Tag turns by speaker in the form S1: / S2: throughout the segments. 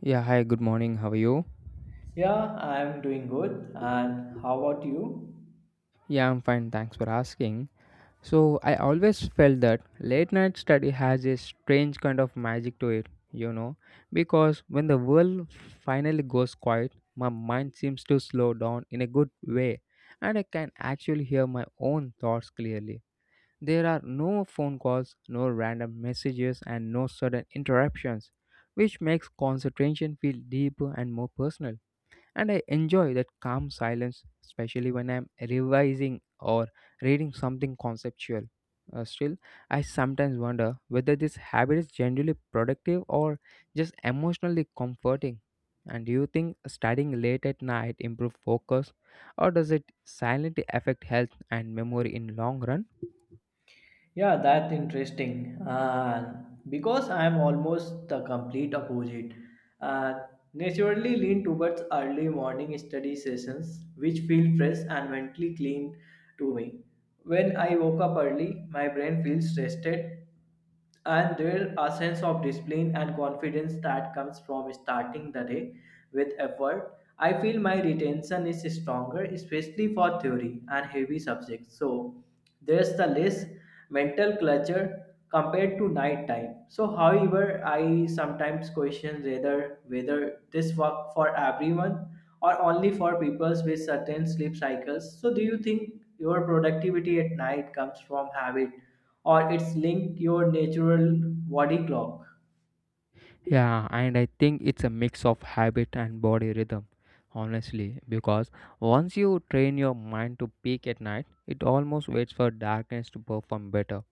S1: Yeah, hi, good morning. How are you?
S2: Yeah, I'm doing good. And how about you?
S1: Yeah, I'm fine. Thanks for asking. So, I always felt that late night study has a strange kind of magic to it, you know, because when the world finally goes quiet, my mind seems to slow down in a good way and I can actually hear my own thoughts clearly. There are no phone calls, no random messages, and no sudden interruptions, which makes concentration feel deeper and more personal. And I enjoy that calm silence, especially when I'm revising or reading something conceptual. Still, I sometimes wonder whether this habit is generally productive or just emotionally comforting. And do you think studying late at night improves focus, or does it silently affect health and memory in long run?
S2: Yeah, that's interesting. And because I'm almost the complete opposite, and naturally lean towards early morning study sessions, which feel fresh and mentally clean to me. When I woke up early, my brain feels rested and there a sense of discipline and confidence that comes from starting the day with effort. I feel my retention is stronger, especially for theory and heavy subjects, so there's the less mental clutter compared to night time. So however, I sometimes question whether this work for everyone or only for people with certain sleep cycles. So do you think your productivity at night comes from habit or it's link your natural body clock?
S1: Yeah, and I think it's a mix of habit and body rhythm, honestly, because once you train your mind to peak at night, it almost waits for darkness to perform better.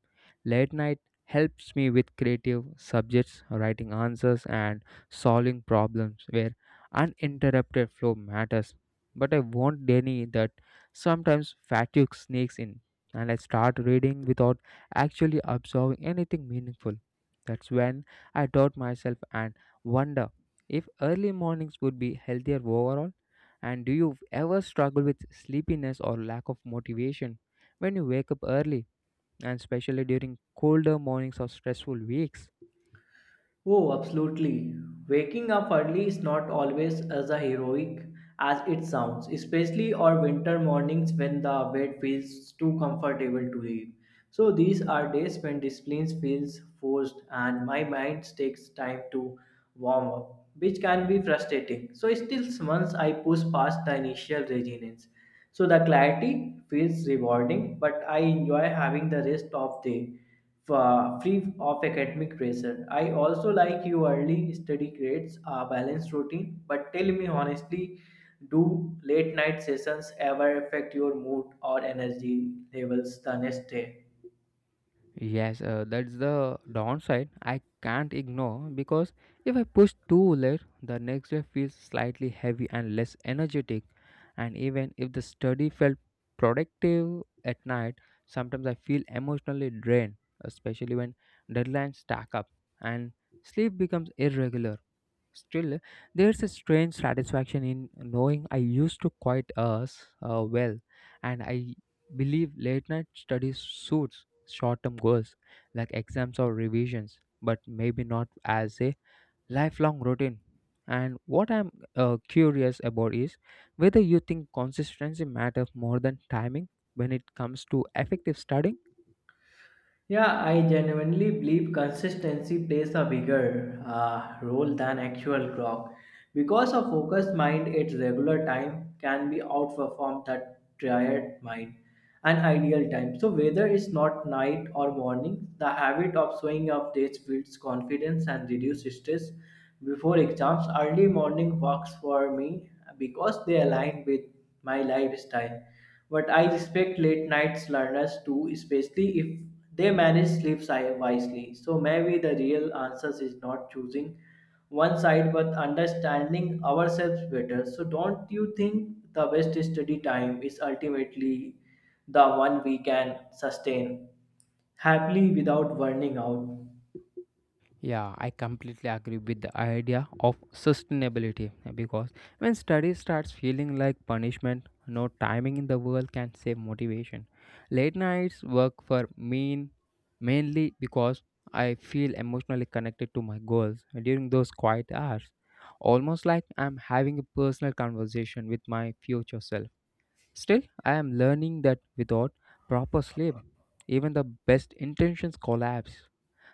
S1: Late night helps me with creative subjects, writing answers, and solving problems where uninterrupted flow matters. But I won't deny that sometimes fatigue sneaks in and I start reading without actually absorbing anything meaningful. That's when I doubt myself and wonder if early mornings would be healthier overall. And do you ever struggle with sleepiness or lack of motivation when you wake up early, and especially during colder mornings or stressful weeks?
S2: Oh, absolutely. Waking up early is not always as a heroic as it sounds, especially on winter mornings when the bed feels too comfortable to leave. So these are days when discipline feels forced and my mind takes time to warm up, which can be frustrating. So still, once I push past the initial resistance, so the clarity feels rewarding, but I enjoy having the rest of the free of academic pressure. I also like you early study grades, a balanced routine. But tell me honestly, do late night sessions ever affect your mood or energy levels the next day?
S1: Yes, that's the downside I can't ignore because if I push too late, the next day feels slightly heavy and less energetic. And even if the study felt productive at night, sometimes I feel emotionally drained, especially when deadlines stack up and sleep becomes irregular. Still, there's a strange satisfaction in knowing I used to quiet us well, and I believe late night studies suits short term goals like exams or revisions, but maybe not as a lifelong routine. And what I'm curious about is whether you think consistency matters more than timing when it comes to effective studying.
S2: Yeah, I genuinely believe consistency plays a bigger role than actual clock. Because a focused mind its regular time can be outperformed that tired mind and ideal time. So whether it's not night or morning, the habit of showing up dates builds confidence and reduces stress before exams. Early morning works for me because they align with my lifestyle, but I respect late nights learners too, especially if they manage sleep wisely. So maybe the real answer is not choosing one side but understanding ourselves better. So don't you think the best study time is ultimately the one we can sustain happily without burning out?
S1: Yeah, I completely agree with the idea of sustainability, yeah, because when study starts feeling like punishment, no timing in the world can save motivation. Late nights work for me mainly because I feel emotionally connected to my goals during those quiet hours, almost like I'm having a personal conversation with my future self. Still, I am learning that without proper sleep, even the best intentions collapse.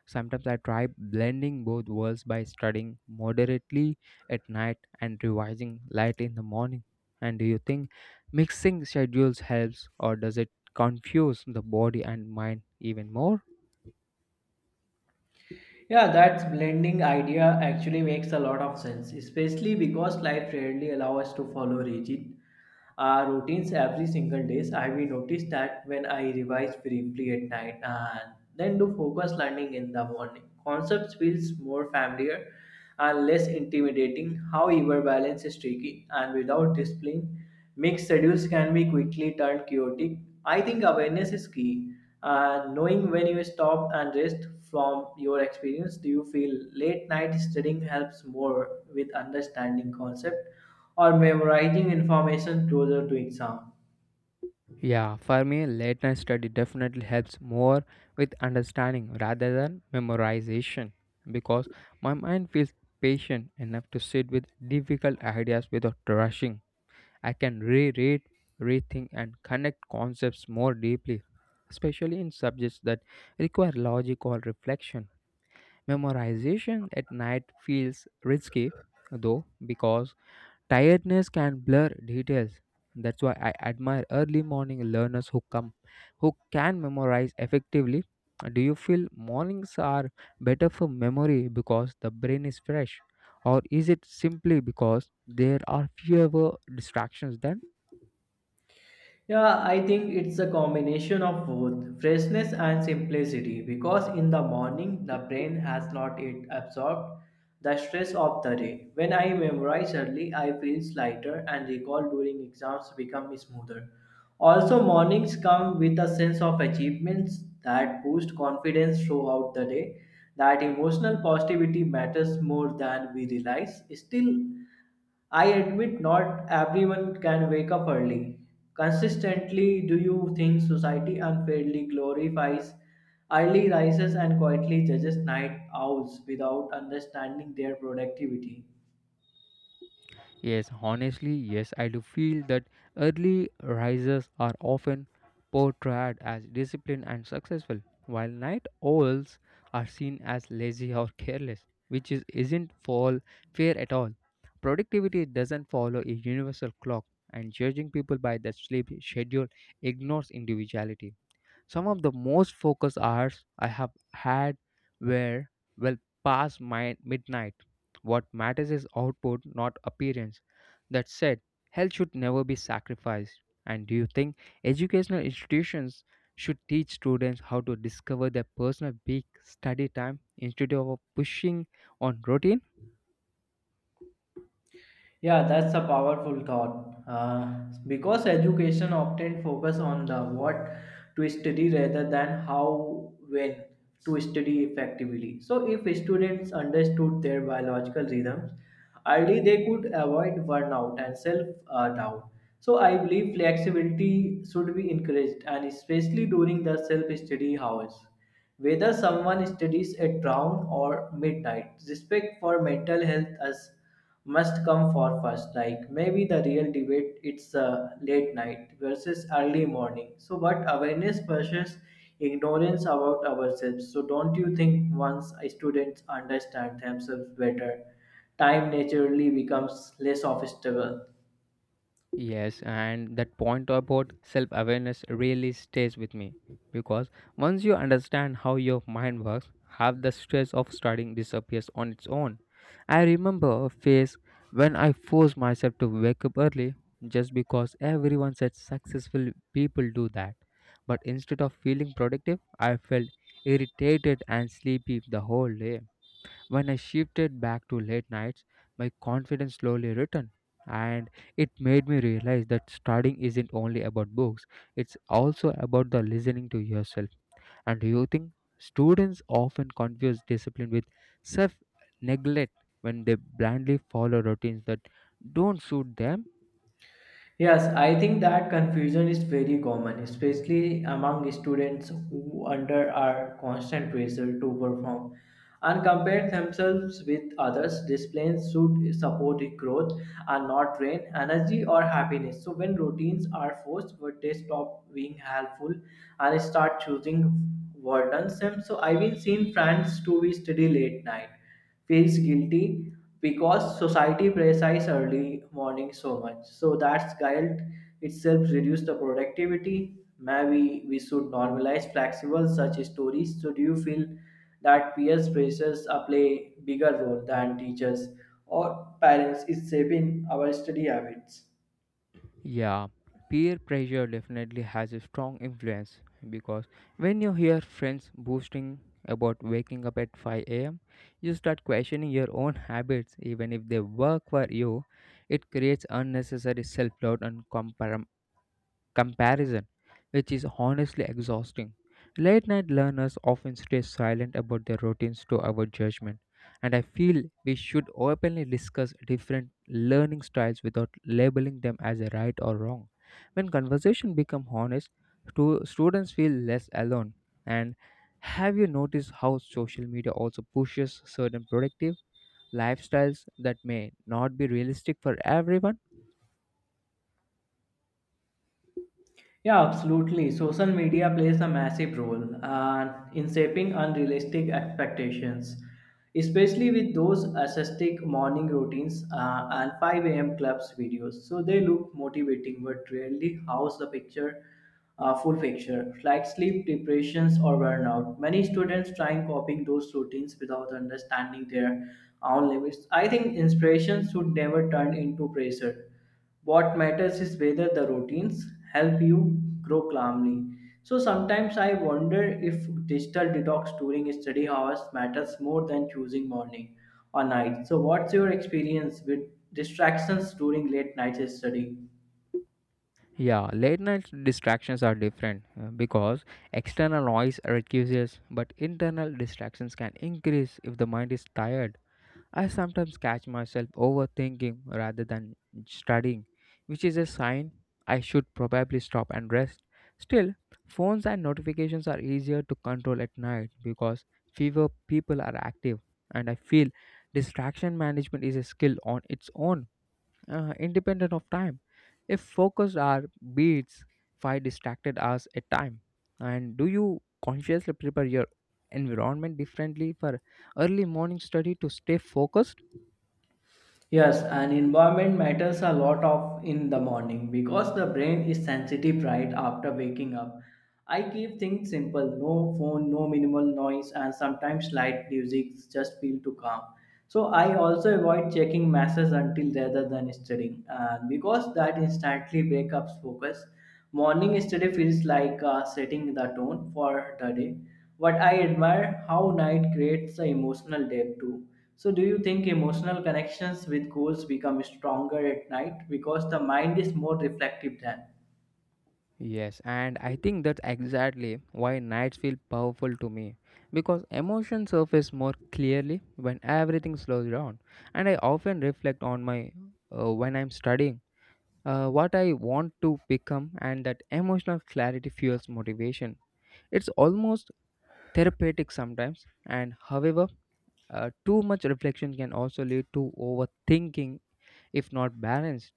S1: Sometimes I try blending both worlds by studying moderately at night and revising light in the morning. And do you think mixing schedules helps or does it confuse the body and mind even more?
S2: Yeah, that blending idea actually makes a lot of sense, especially because life rarely allows us to follow rigid routines every single day. I will notice that when I revise briefly at night and then do focus learning in the morning, concepts feels more familiar and less intimidating. However, balance is tricky, and without discipline, mixed schedules can be quickly turned chaotic. I think awareness is key. And knowing when you stop and rest from your experience, do you feel late night studying helps more with understanding concept or memorizing information closer to exam?
S1: Yeah, for me, late night study definitely helps more with understanding rather than memorization because my mind feels patient enough to sit with difficult ideas without rushing. I can reread, rethink, and connect concepts more deeply, especially in subjects that require logic or reflection. Memorization at night feels risky, though, because tiredness can blur details. That's why I admire early morning learners who can memorize effectively. Do you feel mornings are better for memory because the brain is fresh, or is it simply because there are fewer distractions than?
S2: Yeah, I think it's a combination of both freshness and simplicity because in the morning the brain has not yet absorbed the stress of the day. When I memorize early, I feel lighter and recall during exams become smoother. Also, mornings come with a sense of achievements that boost confidence throughout the day. That emotional positivity matters more than we realize. Still, I admit not everyone can wake up early. Consistently, do you think society unfairly glorifies early rises and quietly judges night owls without understanding their productivity?
S1: Yes, honestly, yes, I do feel that early risers are often portrayed as disciplined and successful, while night owls are seen as lazy or careless, which is, isn't fall fair at all. Productivity doesn't follow a universal clock, and judging people by their sleep schedule ignores individuality. Some of the most focused hours I have had were well past my midnight. What matters is output, not appearance. That said, health should never be sacrificed. And do you think educational institutions should teach students how to discover their personal peak study time instead of pushing on routine?
S2: Yeah, that's a powerful thought. Because education often focus on the what to study rather than how when to study effectively. So if students understood their biological rhythms, ideally they could avoid burnout and self doubt. So I believe flexibility should be encouraged, and especially during the self study hours. Whether someone studies at dawn or midnight, respect for mental health as must come for first, like maybe the real debate it's late night versus early morning, so but awareness versus ignorance about ourselves. So don't you think once students understand themselves better time naturally becomes less obstacle?
S1: Yes, and that point about self awareness really stays with me because once you understand how your mind works, half the stress of studying disappears on its own. I remember a phase when I forced myself to wake up early just because everyone said successful people do that. But instead of feeling productive, I felt irritated and sleepy the whole day. When I shifted back to late nights, my confidence slowly returned, and it made me realize that studying isn't only about books, it's also about the listening to yourself. And do you think students often confuse discipline with self neglect when they blindly follow routines that don't suit them?
S2: Yes, I think that confusion is very common, especially among students who under are constant pressure to perform and compare themselves with others. Disciplines should support growth and not drain energy or happiness. So when routines are forced, but they stop being helpful and start choosing burdensome. So I've been seeing friends to be study late night feels guilty because society praises early morning so much. So that's guilt itself reduces the productivity. Maybe we should normalize flexible such stories. So do you feel that peers pressures play bigger role than teachers or parents is shaping our study habits?
S1: Yeah, peer pressure definitely has a strong influence because when you hear friends boasting about waking up at 5 a.m., you start questioning your own habits, even if they work for you. It creates unnecessary self doubt and comparison, which is honestly exhausting. Late night learners often stay silent about their routines to our judgment, and I feel we should openly discuss different learning styles without labeling them as a right or wrong. When conversation become honest, students feel less alone. And have you noticed how social media also pushes certain productive lifestyles that may not be realistic for everyone?
S2: Yeah, absolutely. Social media plays a massive role in shaping unrealistic expectations, especially with those ascetic morning routines and 5 a.m. clubs videos. So they look motivating, but rarely house the picture, full picture, like sleep depressions or burnout. Many students try copying those routines without understanding their own limits. I think inspiration should never turn into pressure. What matters is whether the routines help you grow calmly. So sometimes I wonder if digital detox during study hours matters more than choosing morning or night. So what's your experience with distractions during late night study?
S1: Yeah, late night distractions are different because external noise reduces, but internal distractions can increase if the mind is tired. I sometimes catch myself overthinking rather than studying, which is a sign I should probably stop and rest. Still, phones and notifications are easier to control at night because fewer people are active, and I feel distraction management is a skill on its own, independent of time. If focused our beats, five distracted hours at time. And do you consciously prepare your environment differently for early morning study to stay focused?
S2: Yes, and environment matters a lot of in the morning because the brain is sensitive right after waking up. I keep things simple, no phone, no minimal noise, and sometimes light music just feel to calm. So I also avoid checking messages until rather than studying, and because that instantly breaks up focus. Morning study feels like setting the tone for the day. But I admire how night creates the emotional depth too. So, do you think emotional connections with goals become stronger at night because the mind is more reflective then?
S1: Yes, and I think that's exactly why nights feel powerful to me because emotions surface more clearly when everything slows down. And I often reflect on my when I'm studying, what I want to become, and that emotional clarity fuels motivation. It's almost therapeutic sometimes, and however, too much reflection can also lead to overthinking if not balanced.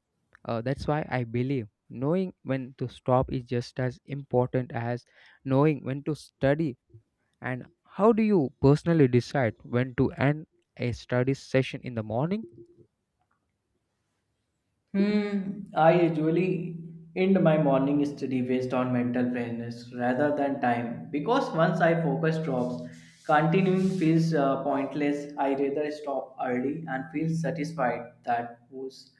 S1: That's why I believe knowing when to stop is just as important as knowing when to study. And how do you personally decide when to end a study session in the morning?
S2: Hmm, I usually end my morning study based on mental fitness rather than time because once I focus drops, continuing feels pointless. I rather stop early and feel satisfied that boosts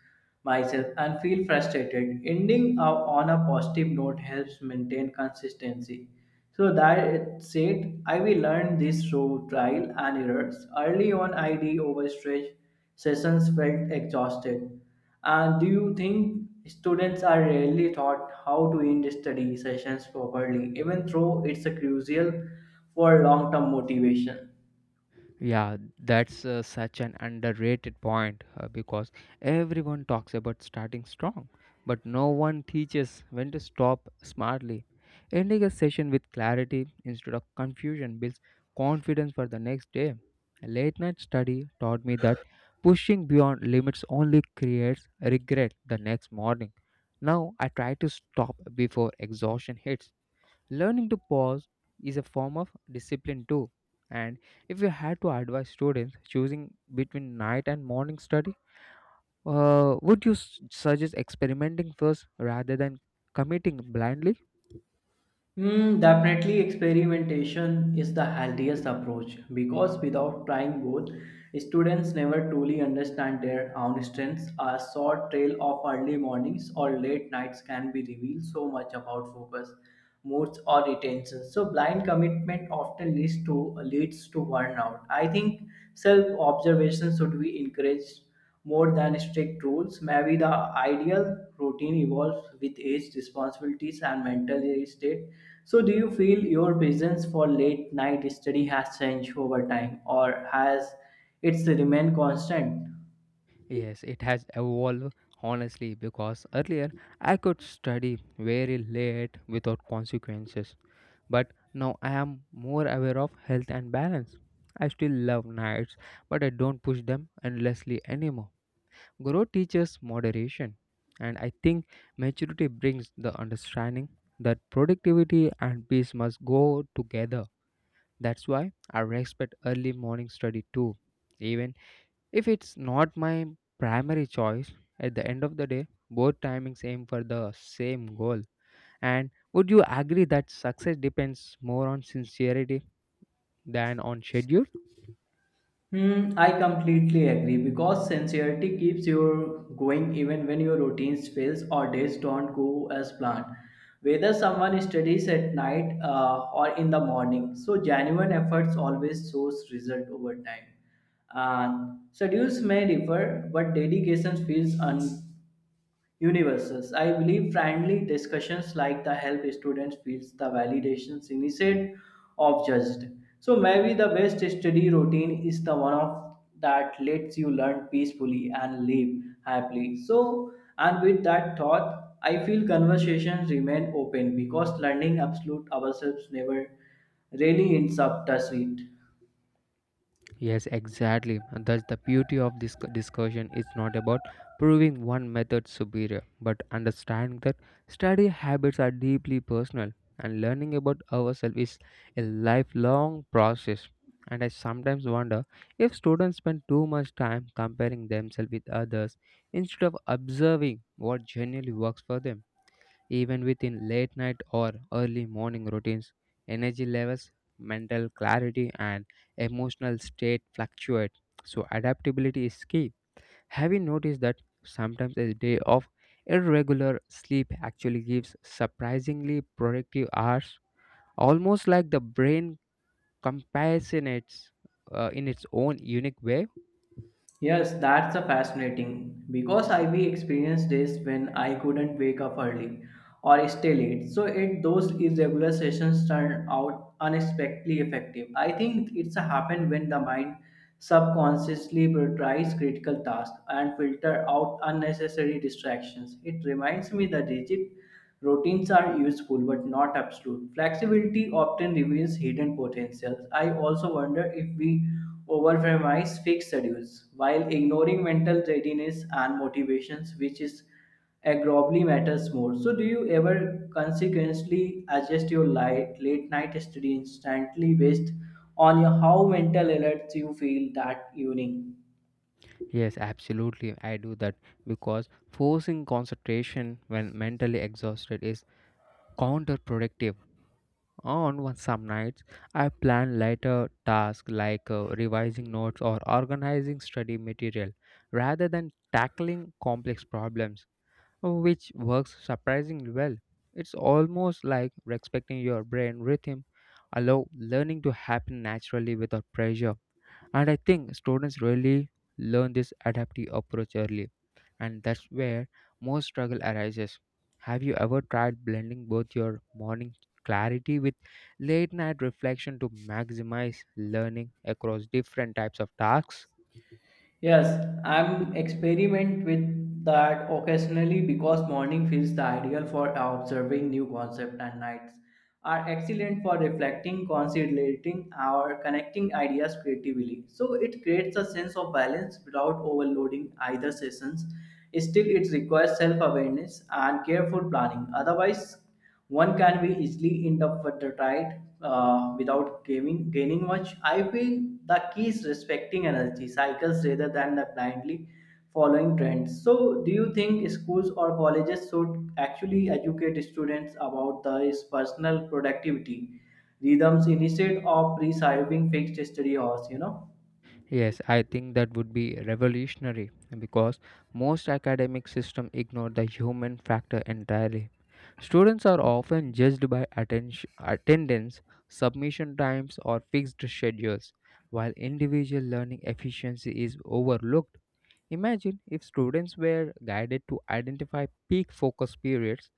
S2: myself and feel frustrated. Ending up on a positive note helps maintain consistency. So that's it. I will learn this through trial and errors. Early on, I did overstretch sessions felt exhausted. And do you think students are rarely taught how to end study sessions properly, even though it's a crucial for long term motivation?
S1: Yeah, that's such an underrated point because everyone talks about starting strong, but no one teaches when to stop smartly. Ending a session with clarity instead of confusion builds confidence for the next day. A late night study taught me that pushing beyond limits only creates regret the next morning. Now I try to stop before exhaustion hits. Learning to pause is a form of discipline too. And if you had to advise students choosing between night and morning study, would you suggest experimenting first rather than committing blindly?
S2: Mm, definitely, experimentation is the healthiest approach because without trying both, students never truly understand their own strengths. A short trail of early mornings or late nights can be revealed so much about focus, moods, or retention. So, blind commitment often leads to burnout. I think self observation should be encouraged more than strict rules. Maybe the ideal routine evolves with age, responsibilities, and mental state. So, do you feel your presence for late night study has changed over time, or has it's remained constant?
S1: Yes, it has evolved honestly because earlier I could study very late without consequences, but now I am more aware of health and balance. I still love nights, but I don't push them endlessly anymore. Growth teaches moderation, and I think maturity brings the understanding that productivity and peace must go together. That's why I respect early morning study too. Even if it's not my primary choice, at the end of the day, both timings aim for the same goal. And would you agree that success depends more on sincerity than on schedule?
S2: Hmm, I completely agree because sincerity keeps you going even when your routines fails or days don't go as planned. Whether someone studies at night or in the morning, so genuine efforts always shows result over time. And schedules may differ, but dedication feels unbreakable universes. I believe friendly discussions like the help students feels the validations instead of judged. So maybe the best study routine is the one of that lets you learn peacefully and live happily. So and with that thought, I feel conversations remain open because learning absolute ourselves never really ends up, does it?
S1: Yes, exactly. And that's the beauty of this discussion. It's not about proving one method superior, but understanding that study habits are deeply personal and learning about ourselves is a lifelong process. And I sometimes wonder if students spend too much time comparing themselves with others instead of observing what genuinely works for them. Even within late night or early morning routines, energy levels, mental clarity, and emotional state fluctuate. So, adaptability is key. Have you noticed that sometimes a day of irregular sleep actually gives surprisingly productive hours? Almost like the brain compassionates in its own unique way.
S2: Yes, that's a fascinating because I we experienced days when I couldn't wake up early or stay late. So it those irregular sessions turned out unexpectedly effective. I think it's a happen when the mind subconsciously prioritizes critical tasks and filter out unnecessary distractions. It reminds me the rigid routines are useful but not absolute. Flexibility often reveals hidden potentials. I also wonder if we overpromise fixed schedules while ignoring mental readiness and motivations, which is aggravatingly matters more. So, do you ever consequently adjust your light, late night study instantly based on your, how mental alert you feel that evening?
S1: Yes, absolutely. I do that because forcing concentration when mentally exhausted is counterproductive. Some nights, I plan lighter tasks like revising notes or organizing study material rather than tackling complex problems, which works surprisingly well. It's almost like respecting your brain rhythm, allow learning to happen naturally without pressure. And I think students really learn this adaptive approach early, and that's where most struggle arises. Have you ever tried blending both your morning clarity with late night reflection to maximize learning across different types of tasks?
S2: Yes, I'm experiment with that occasionally because morning feels the ideal for observing new concepts and nights are excellent for reflecting, considering or connecting ideas creatively. So it creates a sense of balance without overloading either sessions. Still, it requires self-awareness and careful planning. Otherwise, one can be easily interpreted without gaining much. I feel the key is respecting energy cycles rather than the blindly following trends. So, do you think schools or colleges should actually educate students about this personal productivity rhythms instead of preserving fixed study hours?
S1: Yes, I think that would be revolutionary because most academic systems ignore the human factor entirely. Students are often judged by attention, attendance, submission times, or fixed schedules, while individual learning efficiency is overlooked. Imagine if students were guided to identify peak focus periods,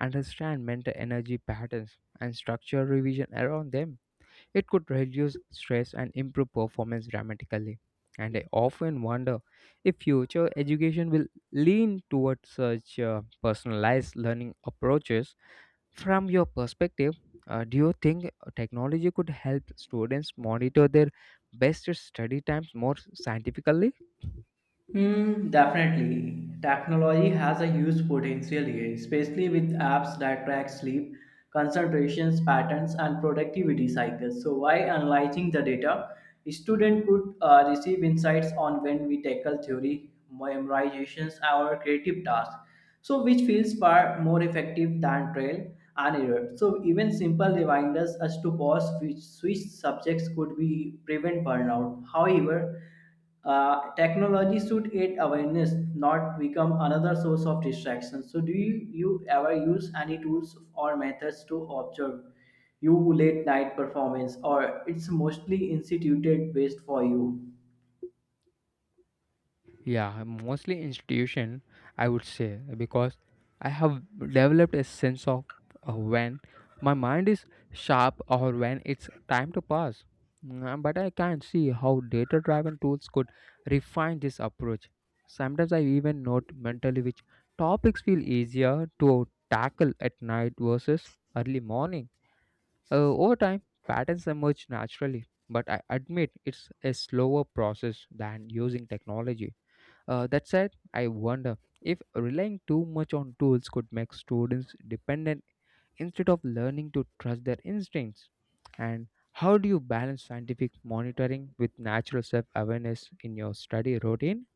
S1: understand mental energy patterns, and structure revision around them. It could reduce stress and improve performance dramatically. And I often wonder if future education will lean towards such personalized learning approaches. From your perspective, do you think technology could help students monitor their best study times more scientifically?
S2: Mm, definitely. Technology has a huge potential here, especially with apps that track sleep, concentrations, patterns, and productivity cycles. So, while analyzing the data, students could receive insights on when we tackle theory, memorizations, or creative tasks. So, which feels far more effective than trial and error. So, even simple reminders as to pause, which switch subjects could be prevent burnout. However, technology should aid awareness, not become another source of distraction. So, you ever use any tools or methods to observe you late night performance, or it's mostly instituted based for you?
S1: Yeah, mostly institution, I would say, because I have developed a sense of when my mind is sharp or when it's time to pass. Mm, but I can't see how data driven tools could refine this approach. Sometimes I even note mentally which topics feel easier to tackle at night versus early morning. Over time, patterns emerge naturally, but I admit it's a slower process than using technology. That said, I wonder if relying too much on tools could make students dependent instead of learning to trust their instincts. And how do you balance scientific monitoring with natural self awareness in your study routine?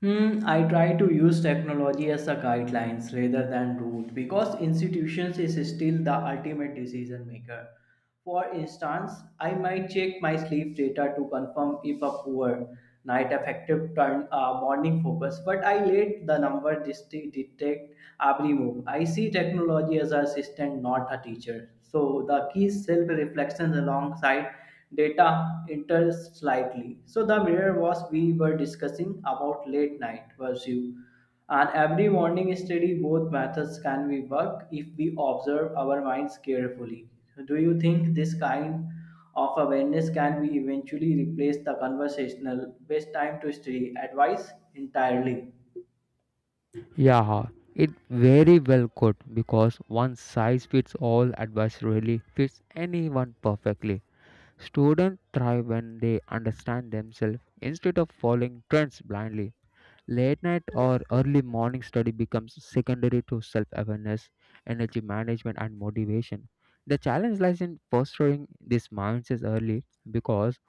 S2: Hmm, I try to use technology as a guidelines rather than rule because institutions is still the ultimate decision maker. For instance, I might check my sleep data to confirm if a poor night effective turn morning focus, but I let the number detect every move. I see technology as an assistant, not a teacher. So the key self reflections alongside data entered slightly. So the mirror was we were discussing about late night pursuit. And every morning study, both methods can be work if we observe our minds carefully. Do you think this kind of awareness can be eventually replace the conversational best time to study advice entirely?
S1: Yeah, it very well could because one size fits all advice really fits anyone perfectly. Students thrive when they understand themselves instead of following trends blindly. Late night or early morning study becomes secondary to self awareness, energy management, and motivation. The challenge lies in fostering these mindsets early because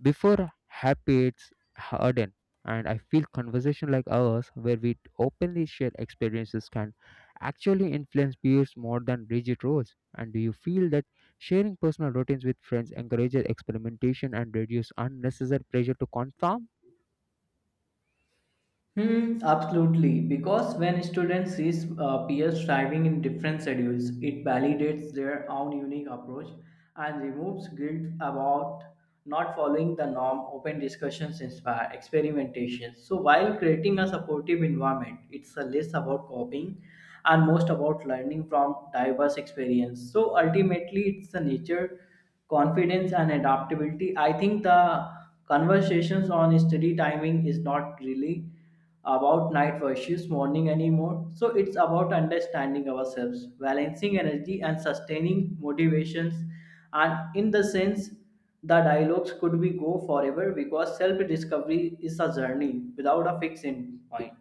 S1: before habits harden, and I feel conversation like ours, where we openly share experiences, can actually influence peers more than rigid roles. And do you feel that sharing personal routines with friends encourages experimentation and reduces unnecessary pressure to conform?
S2: Hmm, absolutely. Because when students see peers striving in different schedules, it validates their own unique approach and removes guilt about not following the norm. Open discussions inspire experimentation. So, while creating a supportive environment, it's a less about copying and most about learning from diverse experience. So, ultimately, it's the nature, confidence, and adaptability. I think the conversations on study timing is not really about night versus morning anymore. So it's about understanding ourselves, balancing energy, and sustaining motivations. And in the sense, the dialogues could we go forever because self-discovery is a journey without a fixed end point.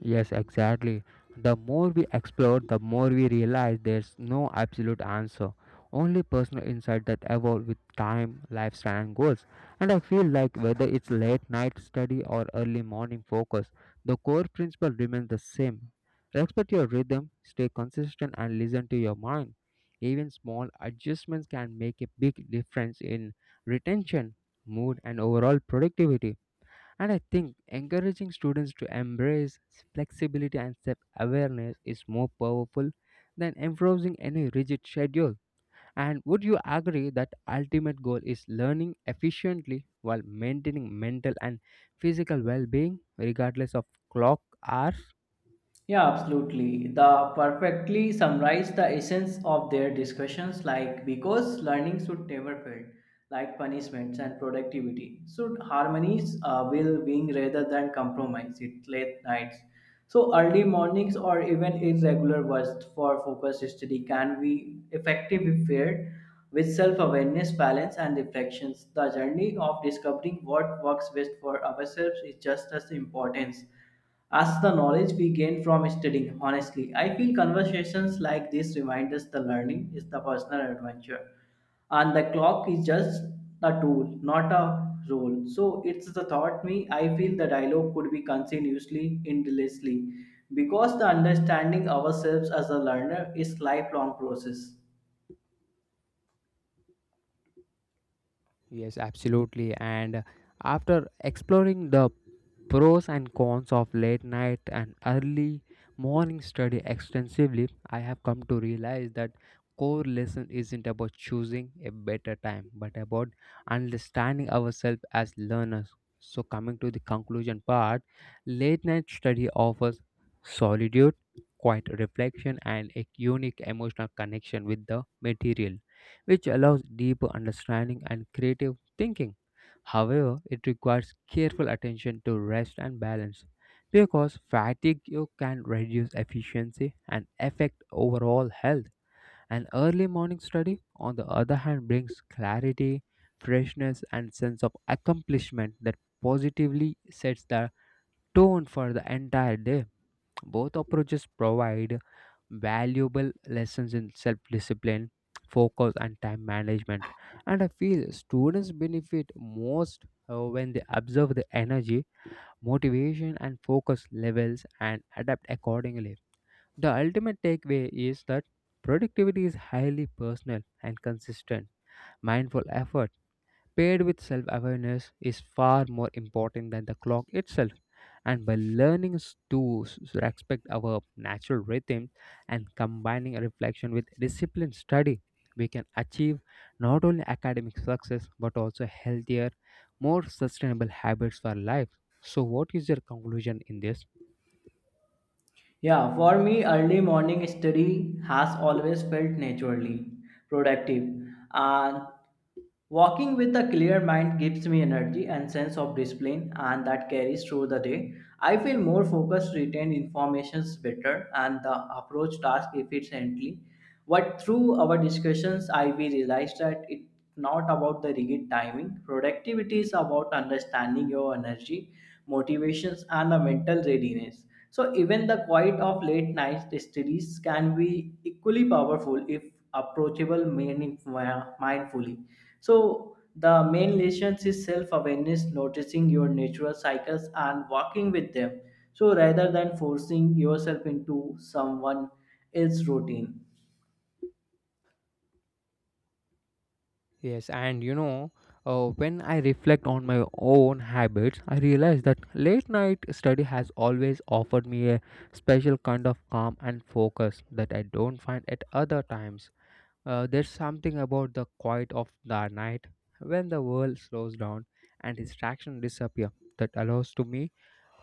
S1: Yes, exactly. The more we explore, the more we realize there's no absolute answer, only personal insight that evolve with time, lifestyle, and goals. And I feel like whether it's late night study or early morning focus, the core principle remains the same. Respect your rhythm, stay consistent, and listen to your mind. Even small adjustments can make a big difference in retention, mood, and overall productivity. And I think encouraging students to embrace flexibility and self awareness is more powerful than enforcing any rigid schedule. And would you agree that ultimate goal is learning efficiently while maintaining mental and physical well being regardless of clock hours?
S2: Yeah, absolutely. The perfectly summarize the essence of their discussions like because learning should never fail, like punishments and productivity should harmonies will being rather than compromise it late nights. So early mornings or even irregular bursts for focus study can be effective if paired with self-awareness, balance, and reflections. The journey of discovering what works best for ourselves is just as important as the knowledge we gain from studying. Honestly, I feel conversations like this remind us the learning is the personal adventure and the clock is just a tool, not a role. So it's the thought me. I feel the dialogue could be continuously, endlessly, because the understanding ourselves as a learner is lifelong process.
S1: Yes, absolutely. And after exploring the pros and cons of late night and early morning study extensively, I have come to realize that core lesson isn't about choosing a better time, but about understanding ourselves as learners. So coming to the conclusion part, late night study offers solitude, quiet reflection and a unique emotional connection with the material which allows deeper understanding and creative thinking. However, it requires careful attention to rest and balance because fatigue you can reduce efficiency and affect overall health. An early morning study, on the other hand, brings clarity, freshness, and sense of accomplishment that positively sets the tone for the entire day. Both approaches provide valuable lessons in self discipline, focus, and time management. And I feel students benefit most when they observe the energy, motivation, and focus levels and adapt accordingly. The ultimate takeaway is that productivity is highly personal and consistent, mindful effort paired with self awareness is far more important than the clock itself. And by learning s- to s- s- respect our natural rhythm and combining a reflection with disciplined study, we can achieve not only academic success but also healthier, more sustainable habits for life. So, what is your conclusion in this?
S2: Yeah, for me, early morning study has always felt naturally productive, and walking with a clear mind gives me energy and sense of discipline, and that carries through the day. I feel more focused, retain informations better, and the approach task efficiently. But through our discussions, I we realized that it's not about the rigid timing. Productivity is about understanding your energy, motivations, and the mental readiness. So even the quiet of late night studies can be equally powerful if approachable meaning mindfully. So the main lessons is self-awareness, noticing your natural cycles and working with them. So rather than forcing yourself into someone else's routine.
S1: Yes, and you know, when I reflect on my own habits, I realize that late night study has always offered me a special kind of calm and focus that I don't find at other times. There's something about the quiet of the night when the world slows down and distractions disappear that allows to me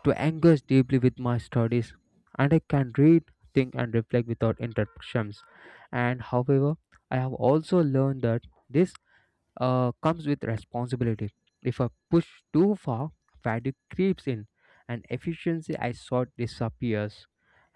S1: to engage deeply with my studies and I can read, think and reflect without interruptions. And however, I have also learned that this comes with responsibility. If I push too far, fatigue creeps in, and efficiency I sought disappears.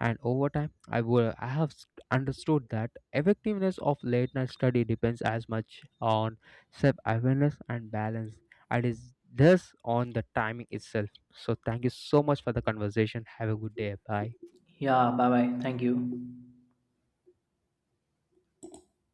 S1: And over time, I will I have s- understood that effectiveness of late night study depends as much on self awareness and balance, and is thus on the timing itself. So, thank you so much for the conversation. Have a good day. Bye.
S2: Yeah, bye bye. Thank you.